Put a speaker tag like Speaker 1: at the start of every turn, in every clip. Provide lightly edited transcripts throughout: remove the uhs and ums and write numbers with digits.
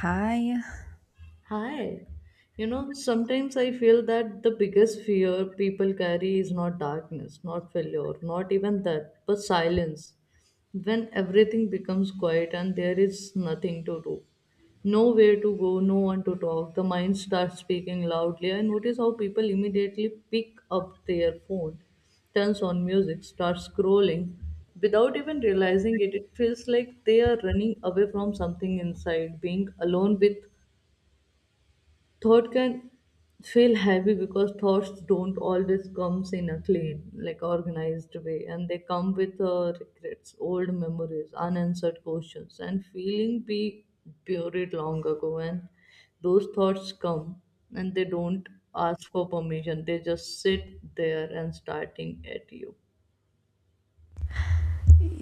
Speaker 1: Hi.
Speaker 2: Hi. Sometimes I feel that the biggest fear people carry is not darkness, not failure, not even that, but silence. When everything becomes quiet and there is nothing to do, nowhere to go, no one to talk, the mind starts speaking loudly. I notice how people immediately pick up their phone, turns on music, starts scrolling without even realizing it. It feels like they are running away from something inside, being alone with thought can feel heavy because thoughts don't always comes in a clean like organized way, and they come with regrets, old memories, unanswered questions, and feeling we buried long ago. And those thoughts come, and they don't ask for permission, they just sit there and starting at you.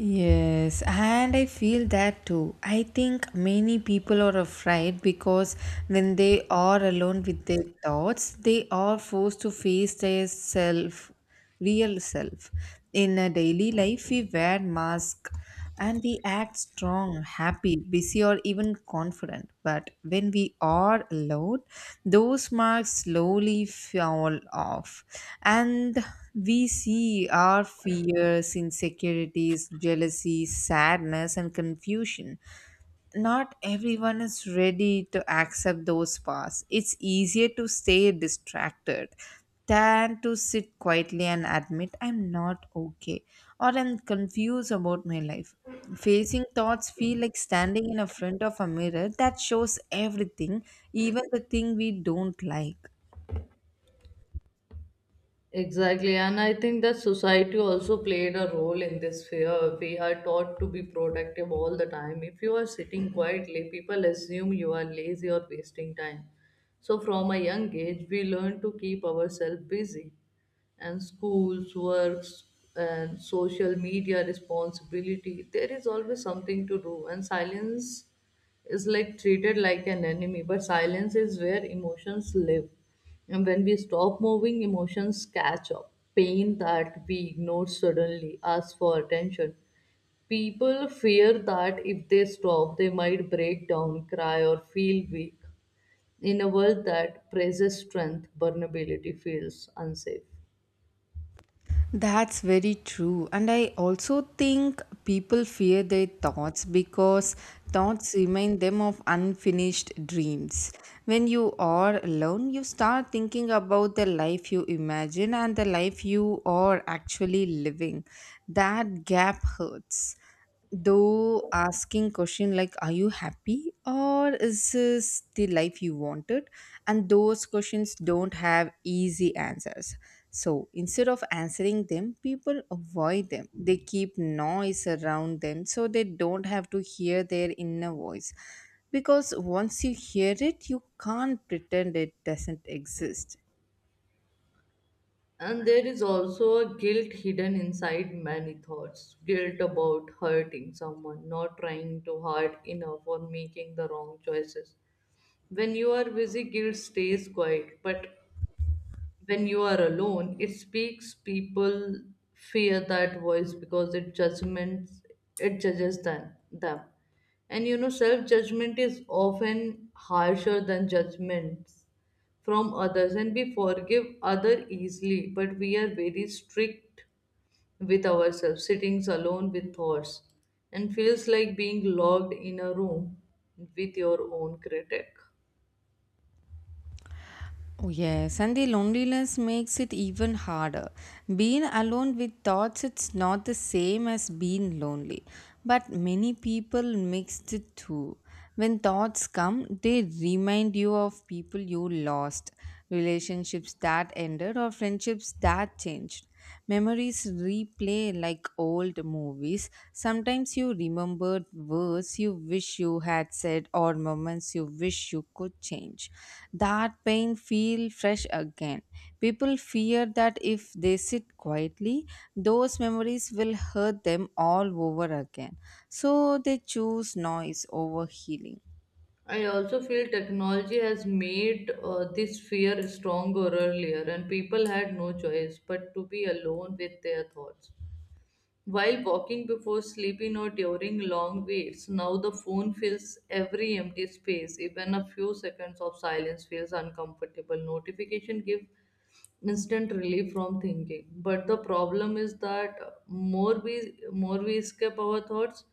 Speaker 1: Yes, and I feel that too. I think many people are afraid because when they are alone with their thoughts, they are forced to face their self, real self. In a daily life, we wear masks and we act strong, happy, busy, or even confident. But when we are alone, those marks slowly fall off, and we see our fears, insecurities, jealousy, sadness, and confusion. Not everyone is ready to accept those paths. It's easier to stay distracted than to sit quietly and admit I'm not okay or I'm confused about my life. Facing thoughts feel like standing in a front of a mirror that shows everything, even the thing we don't like.
Speaker 2: Exactly, and I think that society also played a role in this fear. We are taught to be productive all the time. If you are sitting quietly, people assume you are lazy or wasting time. So, from a young age, we learn to keep ourselves busy and schools, works, and social media responsibility. There is always something to do, and silence is like treated like an enemy. But silence is where emotions live, and when we stop moving, emotions catch up. Pain that we ignore suddenly asks for attention. People fear that if they stop, they might break down, cry, or feel weak. In a world that praises strength, vulnerability feels unsafe.
Speaker 1: That's very true. And I also think people fear their thoughts because thoughts remind them of unfinished dreams. When you are alone, you start thinking about the life you imagine and the life you are actually living. That gap hurts, though asking question like are you happy or is this the life you wanted, and those questions don't have easy answers, so instead of answering them people avoid them. They keep noise around them so they don't have to hear their inner voice, because once you hear it you can't pretend it doesn't exist.
Speaker 2: And there is also a guilt hidden inside many thoughts, guilt about hurting someone, not trying to hard enough, or making the wrong choices. When you are busy, guilt stays quiet, but when you are alone, it speaks. People fear that voice because it judgments, it judges them. And self judgment is often harsher than judgments from others, and we forgive other easily, but we are very strict with ourselves. Sitting alone with thoughts and feels like being locked in a room with your own critic.
Speaker 1: Oh, yes, and the loneliness makes it even harder. Being alone with thoughts, it's not the same as being lonely. But many people mix the two. When thoughts come, they remind you of people you lost, relationships that ended or friendships that changed. Memories replay like old movies. Sometimes you remember words you wish you had said or moments you wish you could change. That pain feel fresh again. People fear that if they sit quietly, those memories will hurt them all over again. So they choose noise over healing.
Speaker 2: I also feel technology has made this fear stronger earlier, and people had no choice but to be alone with their thoughts. While walking, before sleeping, or during long waits, now the phone fills every empty space. Even a few seconds of silence feels uncomfortable. Notification give instant relief from thinking, but the problem is that more we more we escape our thoughts,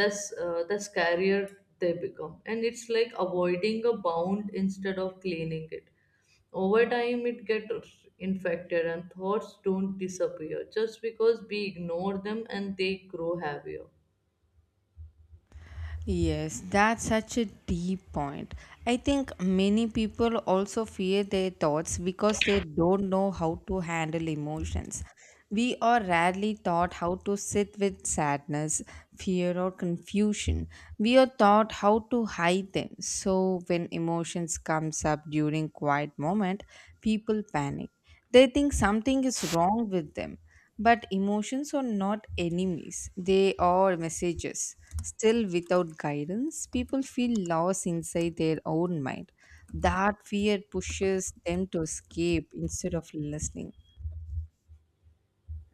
Speaker 2: that's the scarier they become. And it's like avoiding a bound instead of cleaning it. Over time, it gets infected, and thoughts don't disappear just because we ignore them, and they grow heavier.
Speaker 1: Yes, that's such a deep point. I think many people also fear their thoughts because they don't know how to handle emotions. We are rarely taught how to sit with sadness, fear, or confusion. We are taught how to hide them. So when emotions comes up during quiet moment, people panic. They think something is wrong with them. But emotions are not enemies, they are messages. Still, without guidance, people feel lost inside their own mind. That fear pushes them to escape instead of listening.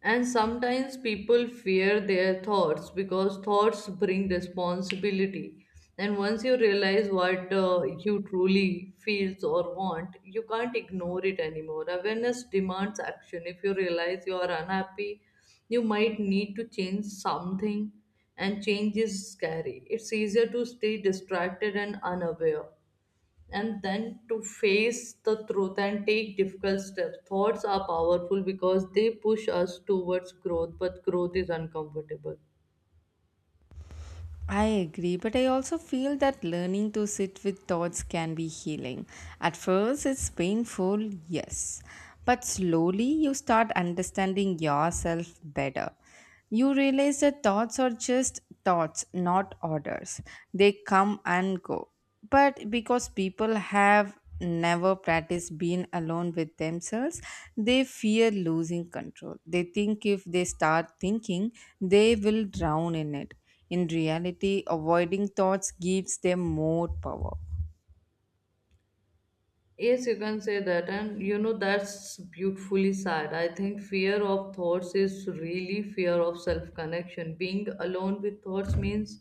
Speaker 2: And sometimes people fear their thoughts because thoughts bring responsibility. And once you realize what you truly feels or want, you can't ignore it anymore. Awareness demands action. If you realize you are unhappy, you might need to change something, and change is scary. It's easier to stay distracted and unaware, and then to face the truth and take difficult steps. Thoughts are powerful because they push us towards growth, but growth is uncomfortable.
Speaker 1: I agree, but I also feel that learning to sit with thoughts can be healing. At first, it's painful, yes, but slowly you start understanding yourself better. You realize that thoughts are just thoughts, not orders. They come and go, but because people have never practiced being alone with themselves, they fear losing control. They think if they start thinking, they will drown in it. In reality, avoiding thoughts gives them more power.
Speaker 2: Yes, you can say that, and that's beautifully sad. I think fear of thoughts is really fear of self connection. Being alone with thoughts means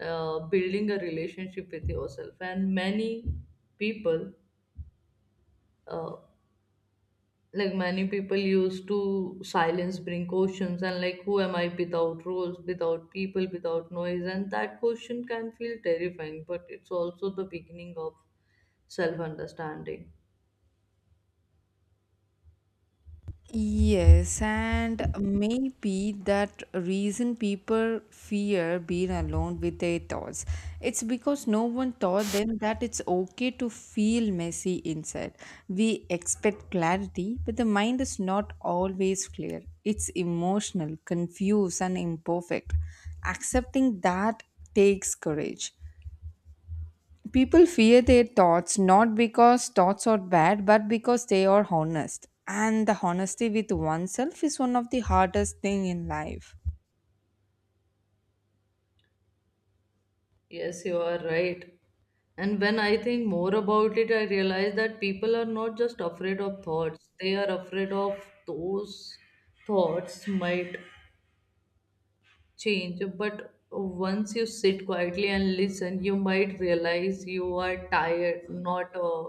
Speaker 2: building a relationship with yourself, and people uh, many people used to silence bring questions. And like who am I? Without roles, without people, without noise. And that question can feel terrifying, but it's also the beginning of self understanding.
Speaker 1: Yes, and maybe that reason people fear being alone with their thoughts. It's because no one taught them that it's okay to feel messy inside. We expect clarity, but the mind is not always clear. It's emotional, confused, and imperfect. Accepting that takes courage. People fear their thoughts not because thoughts are bad, but because they are honest. And the honesty with oneself is one of the hardest thing in life.
Speaker 2: Yes, you are right. And when I think more about it, I realize that people are not just afraid of thoughts, they are afraid of those thoughts might change. But once you sit quietly and listen, you might realize you are tired, not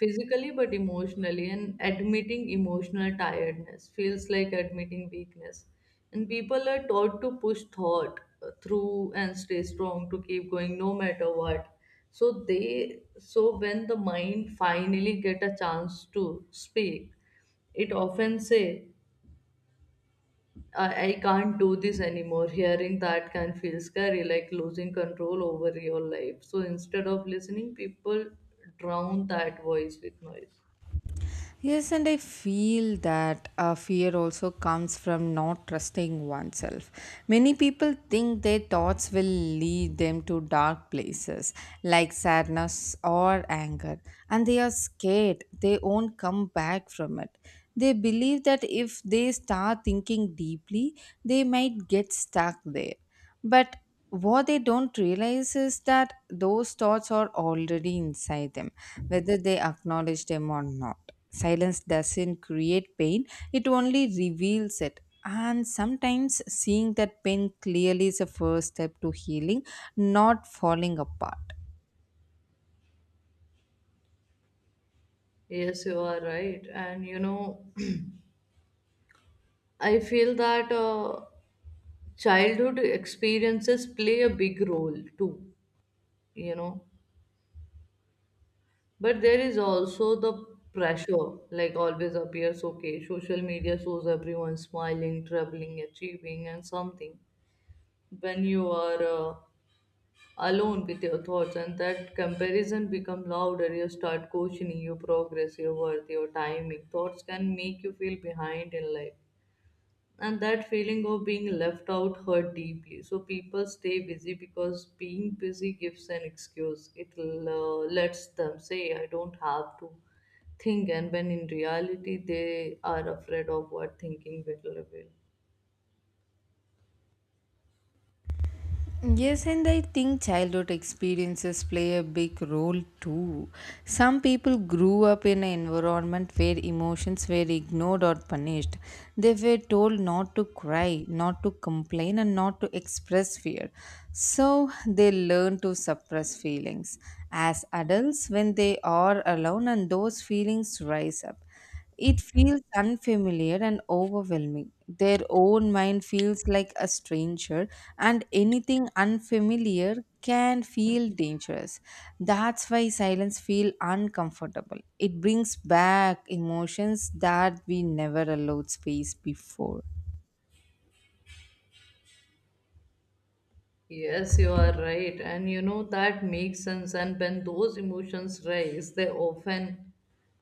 Speaker 2: physically, but emotionally. And admitting emotional tiredness feels like admitting weakness. And people are taught to push thought through and stay strong, to keep going no matter what. So when the mind finally get a chance to speak, it often say, I can't do this anymore. Hearing that can feel scary, like losing control over your life. So instead of listening, people drown that voice with noise.
Speaker 1: Yes, and I feel that fear also comes from not trusting oneself. Many people think their thoughts will lead them to dark places like sadness or anger, and they are scared they won't come back from it. They believe that if they start thinking deeply, they might get stuck there. But what they don't realize is that those thoughts are already inside them, whether they acknowledge them or not. Silence doesn't create pain, it only reveals it. And sometimes seeing that pain clearly is a first step to healing, not falling apart.
Speaker 2: Yes, you are right. I feel that childhood experiences play a big role too, you know. But there is also the pressure, like always appears okay, social media shows everyone smiling, traveling, achieving, and something. When you are alone with your thoughts, and that comparison become louder, you start questioning your progress, your worth, your timing. Thoughts can make you feel behind in life, and that feeling of being left out hurt deeply. So people stay busy because being busy gives an excuse, it lets them say, I don't have to think. And when in reality, they are afraid of what thinking will reveal.
Speaker 1: Yes, and I think childhood experiences play a big role too. Some people grew up in an environment where emotions were ignored or punished. They were told not to cry, not to complain, and not to express fear. So they learn to suppress feelings. As adults, when they are alone and those feelings rise up, it feels unfamiliar and overwhelming. Their own mind feels like a stranger, and anything unfamiliar can feel dangerous. That's why silence feels uncomfortable. It brings back emotions that we never allowed space before.
Speaker 2: Yes, you are right. And that makes sense. And when those emotions rise, they often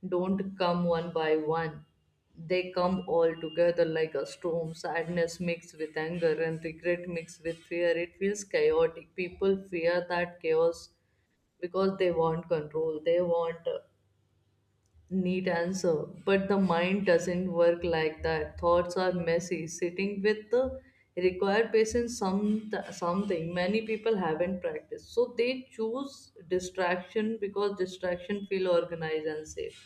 Speaker 2: don't come one by one. They come all together like a storm, sadness mixed with anger and regret mixed with fear. It feels chaotic. People fear that chaos because they want control. They want neat answer. But the mind doesn't work like that. Thoughts are messy. Sitting with the require patience, something many people haven't practiced. So they choose distraction because distraction feel organized and safe.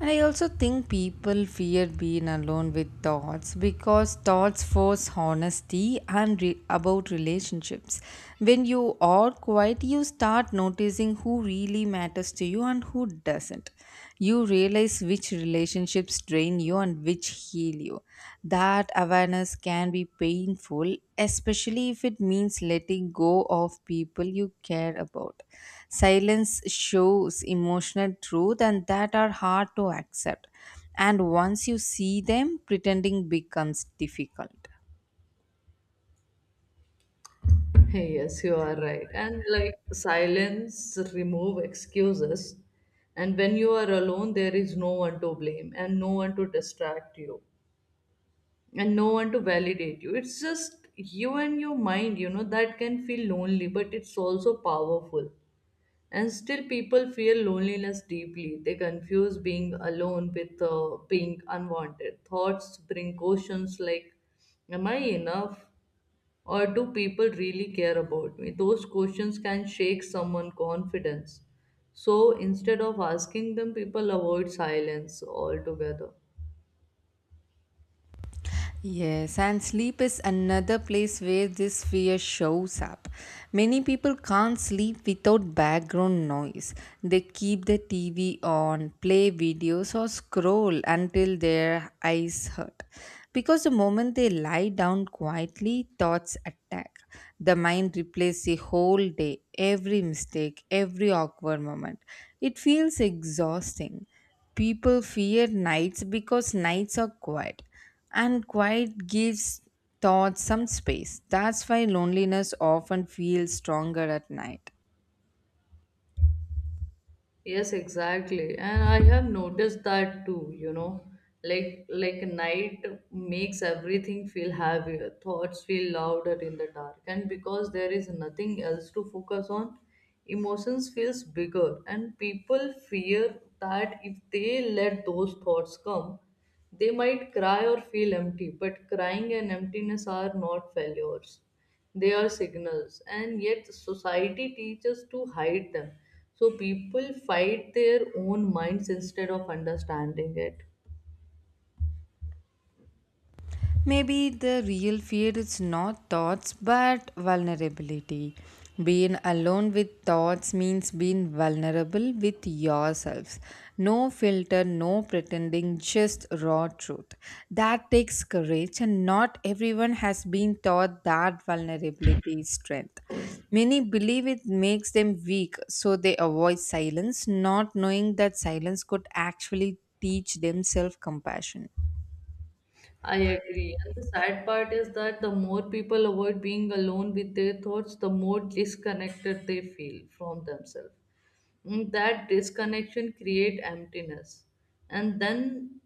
Speaker 1: And I also think people fear being alone with thoughts because thoughts force honesty and about relationships. When you are quiet, you start noticing who really matters to you and who doesn't. You realize which relationships drain you and which heal you. That awareness can be painful, especially if it means letting go of people you care about. Silence shows emotional truth and that are hard to accept. And once you see them, pretending becomes difficult.
Speaker 2: Hey, yes, you are right. And like silence remove excuses. And when you are alone, there is no one to blame, and no one to distract you, and no one to validate you. It's just you and your mind, that can feel lonely, but it's also powerful. And still people feel loneliness deeply, they confuse being alone with being unwanted. Thoughts bring questions like, am I enough? Or do people really care about me? Those questions can shake someone's confidence. So instead of asking them, people avoid silence altogether.
Speaker 1: Yes, and sleep is another place where this fear shows up. Many people can't sleep without background noise. They keep the TV on, play videos, or scroll until their eyes hurt. Because the moment they lie down quietly, thoughts attack. The mind replays the whole day, every mistake, every awkward moment. It feels exhausting. People fear nights because nights are quiet, and quiet gives thoughts some space. That's why loneliness often feels stronger at night.
Speaker 2: Yes, exactly. And I have noticed that too. Like night makes everything feel heavier, thoughts feel louder in the dark. And because there is nothing else to focus on, emotions feels bigger, and people fear that if they let those thoughts come, they might cry or feel empty. But crying and emptiness are not failures, they are signals. And yet society teaches to hide them, so people fight their own minds instead of understanding it.
Speaker 1: Maybe the real fear is not thoughts but vulnerability. Being alone with thoughts means being vulnerable with yourselves. No filter, no pretending, just raw truth. That takes courage, and not everyone has been taught that vulnerability is strength. Many believe it makes them weak, so they avoid silence, not knowing that silence could actually teach them self compassion.
Speaker 2: I agree, and the sad part is that the more people avoid being alone with their thoughts, the more disconnected they feel from themselves. That disconnection create emptiness. And then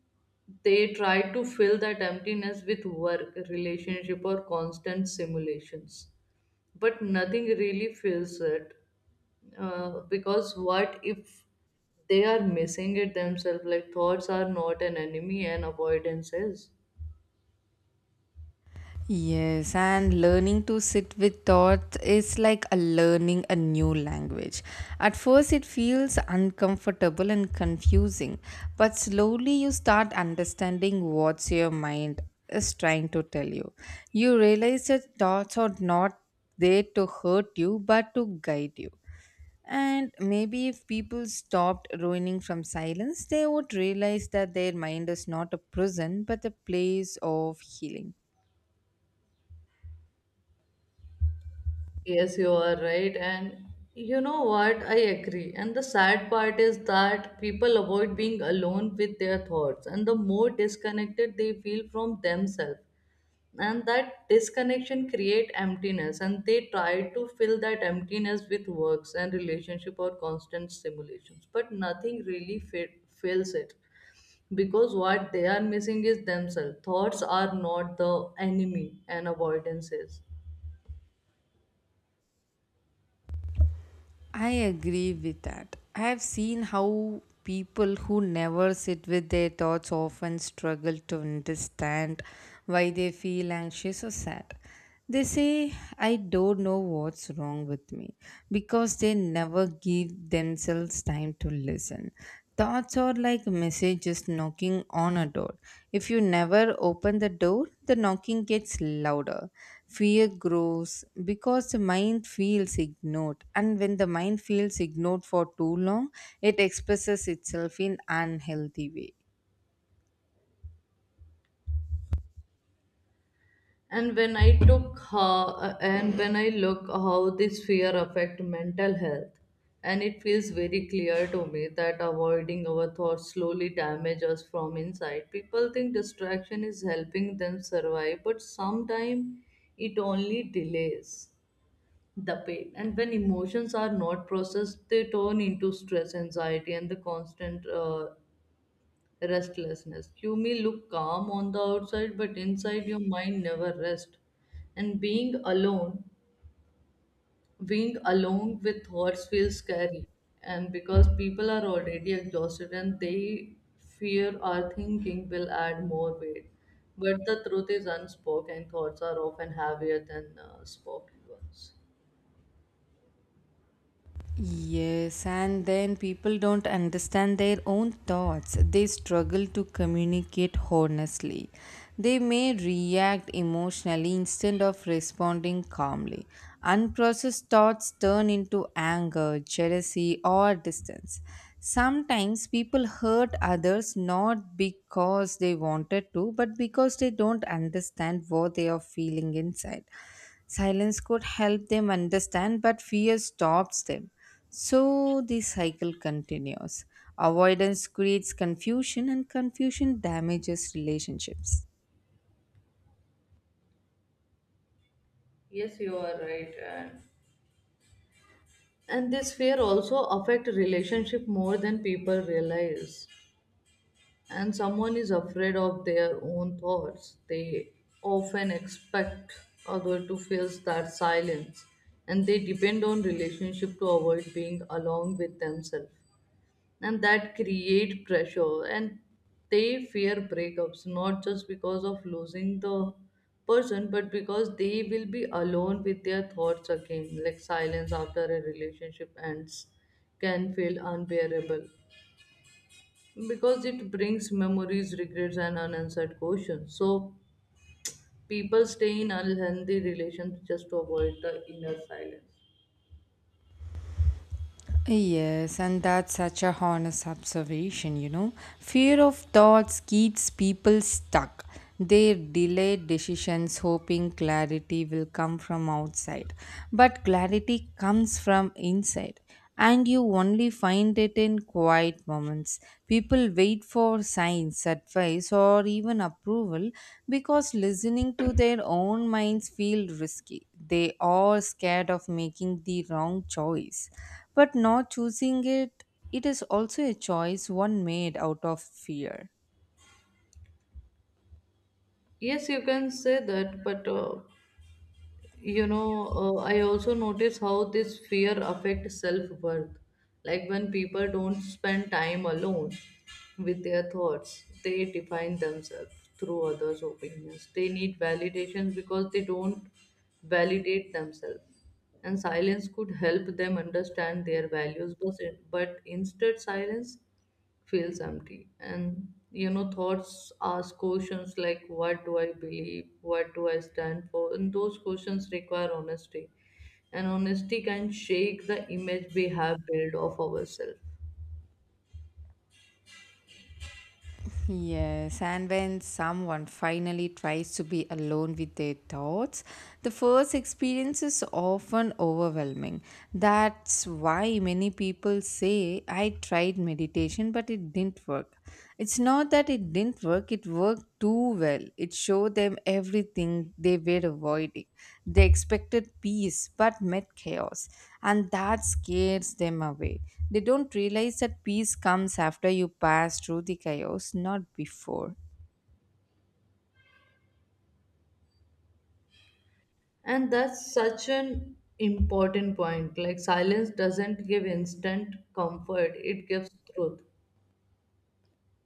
Speaker 2: they try to fill that emptiness with work, relationship, or constant simulations, but nothing really fills it. Because what if they are missing it themselves, like thoughts are not an enemy, and avoidance is.
Speaker 1: Yes, and learning to sit with thoughts is like a learning a new language. At first, it feels uncomfortable and confusing, but slowly you start understanding what your mind is trying to tell you. You realize that thoughts are not there to hurt you but to guide you. And maybe if people stopped ruining from silence, they would realize that their mind is not a prison but a place of healing.
Speaker 2: Yes, you are right. And you know what, I agree. And the sad part is that people avoid being alone with their thoughts, and the more disconnected they feel from themselves. And that disconnection create emptiness, and they try to fill that emptiness with works and relationship or constant stimulations, but nothing really fills it. Because what they are missing is themselves. Thoughts are not the enemy, and avoidance is.
Speaker 1: I agree with that. I have seen how people who never sit with their thoughts often struggle to understand why they feel anxious or sad. They say, I don't know what's wrong with me, because they never give themselves time to listen. Thoughts are like messages knocking on a door. If you never open the door, the knocking gets louder. Fear grows because the mind feels ignored. And when the mind feels ignored for too long, it expresses itself in unhealthy way.
Speaker 2: And when I took how and when I look how this fear affect mental health. And it feels very clear to me that avoiding our thoughts slowly damage us from inside. People think distraction is helping them survive, but sometimes it only delays the pain. And when emotions are not processed, they turn into stress, anxiety, and the constant restlessness. You may look calm on the outside, but inside your mind never rests. And being alone with thoughts feels scary. And because people are already exhausted, and they fear our thinking will add more weight. But the truth is unspoken thoughts are often heavier than spoken ones.
Speaker 1: Yes, and then people don't understand their own thoughts. They struggle to communicate honestly. They may react emotionally instead of responding calmly. Unprocessed thoughts turn into anger, jealousy, or distance. Sometimes people hurt others not because they wanted to, but because they don't understand what they are feeling inside. Silence could help them understand, but fear stops them. So the cycle continues. Avoidance creates confusion, and confusion damages relationships.
Speaker 2: Yes, you are right. And this fear also affect relationship more than people realize. And someone is afraid of their own thoughts, they often expect other to fill that silence. And they depend on relationship to avoid being alone with themselves. And that create pressure. And they fear breakups, not just because of losing the person, but because they will be alone with their thoughts again. Like silence after a relationship ends can feel unbearable because it brings memories, regrets, and unanswered questions. So people stay in unhealthy relations just to avoid the inner silence.
Speaker 1: Yes, and that's such a honest observation, you know. Fear of thoughts keeps people stuck. They delay decisions hoping clarity will come from outside. But clarity comes from inside, and you only find it in quiet moments. People wait for signs, advice, or even approval because listening to their own minds feel risky. They are scared of making the wrong choice, but not choosing it. It is also a choice one made out of fear.
Speaker 2: Yes, you can say that, but I also notice how this fear affects self-worth. Like when people don't spend time alone with their thoughts, they define themselves through others opinions. They need validation because they don't validate themselves. And silence could help them understand their values, but instead silence feels empty. And thoughts ask questions like, what do I believe? What do I stand for? And those questions require honesty. And honesty can shake the image we have built of ourselves.
Speaker 1: Yes, and when someone finally tries to be alone with their thoughts, the first experience is often overwhelming. That's why many people say, I tried meditation, but it didn't work. It's not that it didn't work, it worked too well. It showed them everything they were avoiding. They expected peace, but met chaos, and that scares them away. They don't realize that peace comes after you pass through the chaos, not before.
Speaker 2: And that's such an important point. Like silence doesn't give instant comfort, it gives truth.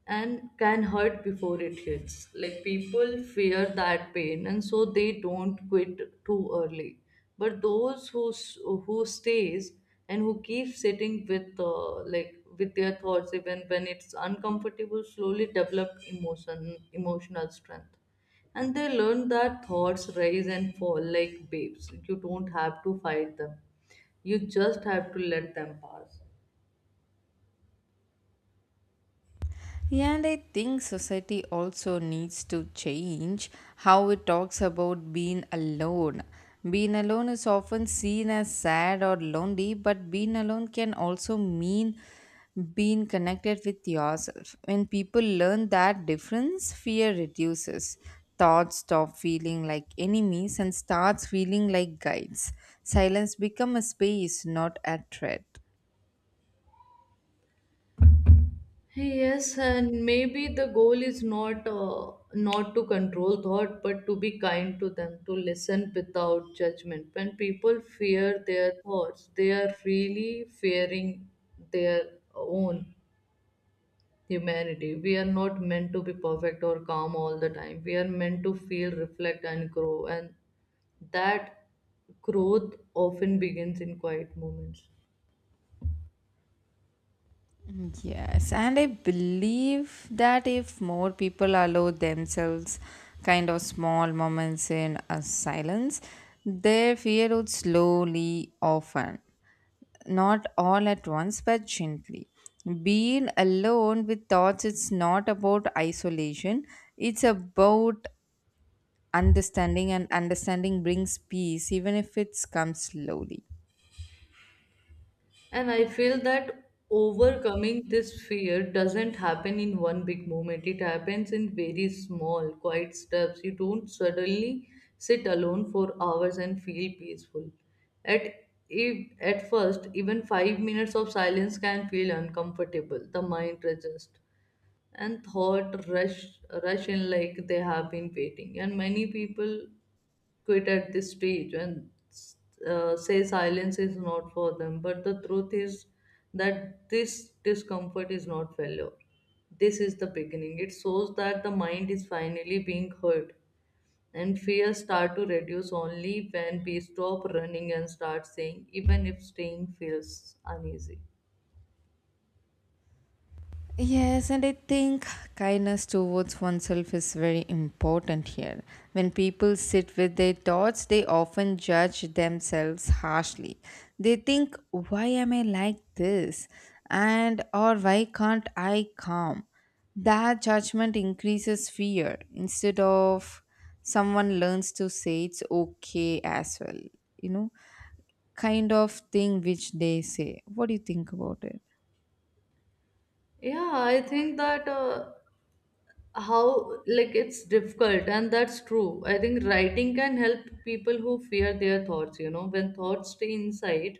Speaker 2: And can hurt before it hits. Like people fear that pain and so they don't quit too early. But those who stays and who keep sitting with like with their thoughts even when it's uncomfortable slowly develop emotional strength, and they learn that thoughts rise and fall like babes. You don't have to fight them, you just have to let them pass.
Speaker 1: And I think society also needs to change how it talks about being alone. Being alone is often seen as sad or lonely, but being alone can also mean being connected with yourself. When people learn that difference, fear reduces. Thoughts stop feeling like enemies and starts feeling like guides. Silence become a space, not a threat.
Speaker 2: Yes, and maybe the goal is not to control thought, but to be kind to them, to listen without judgment. When people fear their thoughts, they are really fearing their own humanity. We are not meant to be perfect or calm all the time. We are meant to feel, reflect, and grow, and that growth often begins in quiet moments.
Speaker 1: Mm, yes, and I believe that if more people allow themselves kind of small moments in a silence, their fear would slowly often, not all at once, but gently. Being alone with thoughts, it's not about isolation, it's about understanding, and understanding brings peace, even if it comes slowly.
Speaker 2: And I feel that overcoming this fear doesn't happen in one big moment. It happens in very small, quiet steps. You don't suddenly sit alone for hours and feel peaceful. At if, at first, even 5 minutes of silence can feel uncomfortable. The mind resists and thought rush in like they have been waiting. And many people quit at this stage and say silence is not for them. But the truth is that this discomfort is not failure. This is the beginning. It shows that the mind is finally being heard, and fears start to reduce only when we stop running and start saying, even if staying feels uneasy.
Speaker 1: Yes, and I think kindness towards oneself is very important here. When people sit with their thoughts, they often judge themselves harshly. They think, why am I like this? And or why can't I calm? That judgment increases fear instead of someone learns to say it's okay as well, you know, kind of thing which they say. What do you think about it?
Speaker 2: Yeah, I think that. How like it's difficult and that's true. I think writing can help people who fear their thoughts, you know, when thoughts stay inside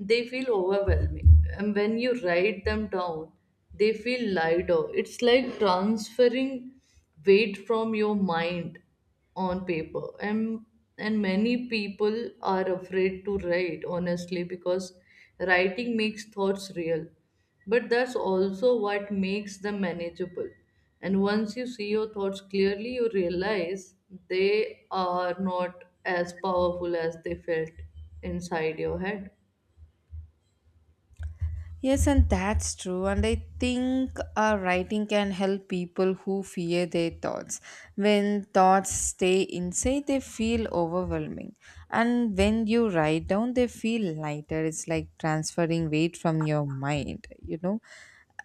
Speaker 2: they feel overwhelming. And when you write them down, they feel lighter. It's like transferring weight from your mind on paper. And many people are afraid to write, honestly, because writing makes thoughts real. But that's also what makes them manageable. And once you see your thoughts clearly, you realize they are not as powerful as they felt inside your head.
Speaker 1: Yes, and that's true. And I think writing can help people who fear their thoughts. When thoughts stay inside, they feel overwhelming. And when you write down, they feel lighter. It's like transferring weight from your mind, you know.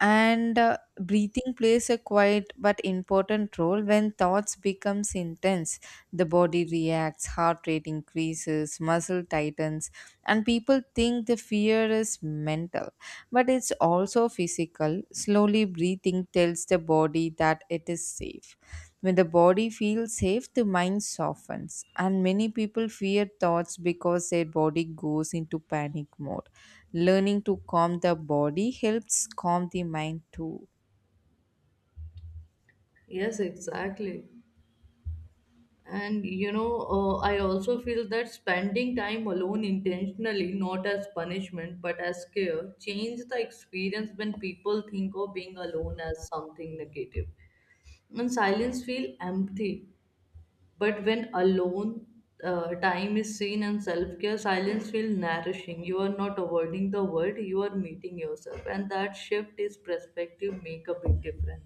Speaker 1: And breathing plays a quiet but important role when thoughts becomes intense. The body reacts, heart rate increases, muscle tightens, and people think the fear is mental but it's also physical. Slowly breathing tells the body that it is safe. When the body feels safe, the mind softens, and many people fear thoughts because their body goes into panic mode. Learning to calm the body helps calm the mind too.
Speaker 2: Yes, exactly. And you know, I also feel that spending time alone intentionally, not as punishment but as care, change the experience when people think of being alone as something negative. And silence feel empty, but when alone time is seen and self care, silence feel nourishing. You are not avoiding the world; you are meeting yourself, and that shift is perspective make a big difference.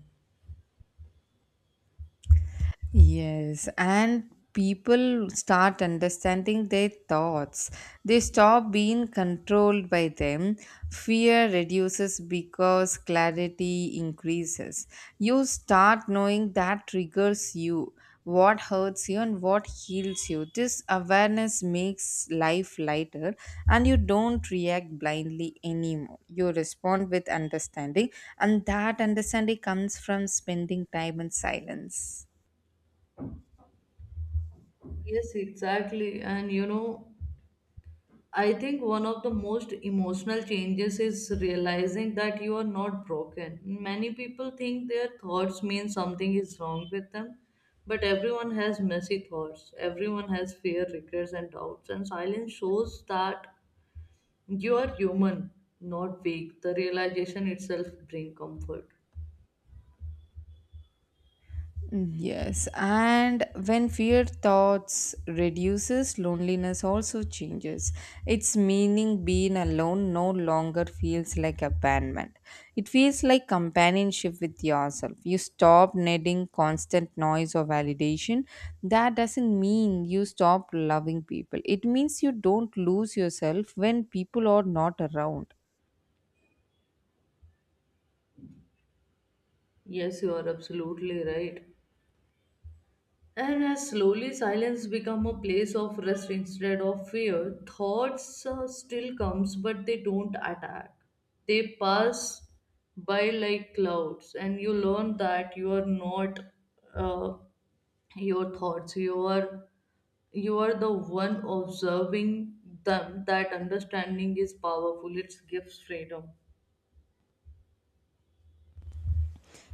Speaker 1: Yes, and people start understanding their thoughts. They stop being controlled by them. Fear reduces because clarity increases. You start knowing that triggers you, what hurts you, and what heals you. This awareness makes life lighter, and you don't react blindly anymore. You respond with understanding, and that understanding comes from spending time in silence.
Speaker 2: Yes, exactly. And you know, I think one of the most emotional changes is realizing that you are not broken. Many people think their thoughts mean something is wrong with them, but everyone has messy thoughts. Everyone has fear, regrets, and doubts. And silence shows that you are human, not weak. The realization itself brings comfort.
Speaker 1: Mm, yes, and when fear thoughts reduces, loneliness also changes. Its meaning being alone no longer feels like abandonment. It feels like companionship with yourself. You stop needing constant noise or validation. That doesn't mean you stop loving people. It means you don't lose yourself when people are not around.
Speaker 2: Yes, you are absolutely right. And as slowly silence become a place of rest instead of fear, thoughts still comes but they don't attack. They pass by like clouds, and you learn that you are not uh, your thoughts. You are the one observing them. That understanding is powerful. It gives freedom.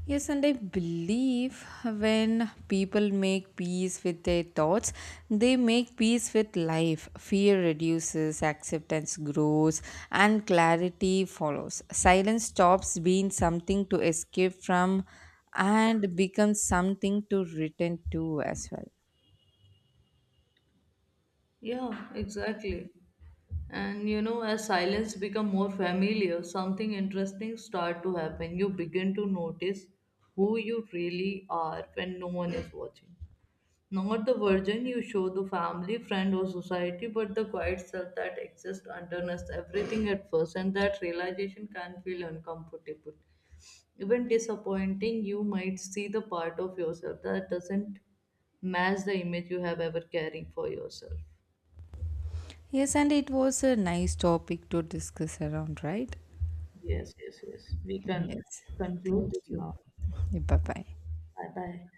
Speaker 1: Yes, and I believe when people make peace with their thoughts, they make peace with life. Fear reduces, acceptance grows, and clarity follows. Silence stops being something to escape from and becomes something to return to as well.
Speaker 2: Yeah, exactly. And you know, as silence become more familiar, something interesting start to happen. You begin to notice who you really are when no one is watching. Not the version you show the family, friend, or society, but the quiet self that exists underneath everything at first, and that realization can feel uncomfortable. Even disappointing, you might see the part of yourself that doesn't match the image you have ever caring for yourself.
Speaker 1: Yes, and it was a nice topic to discuss around, right?
Speaker 2: Yes, yes, yes. We can
Speaker 1: Yes.
Speaker 2: conclude
Speaker 1: Thank
Speaker 2: this
Speaker 1: you.
Speaker 2: now.
Speaker 1: Bye bye.
Speaker 2: Bye bye.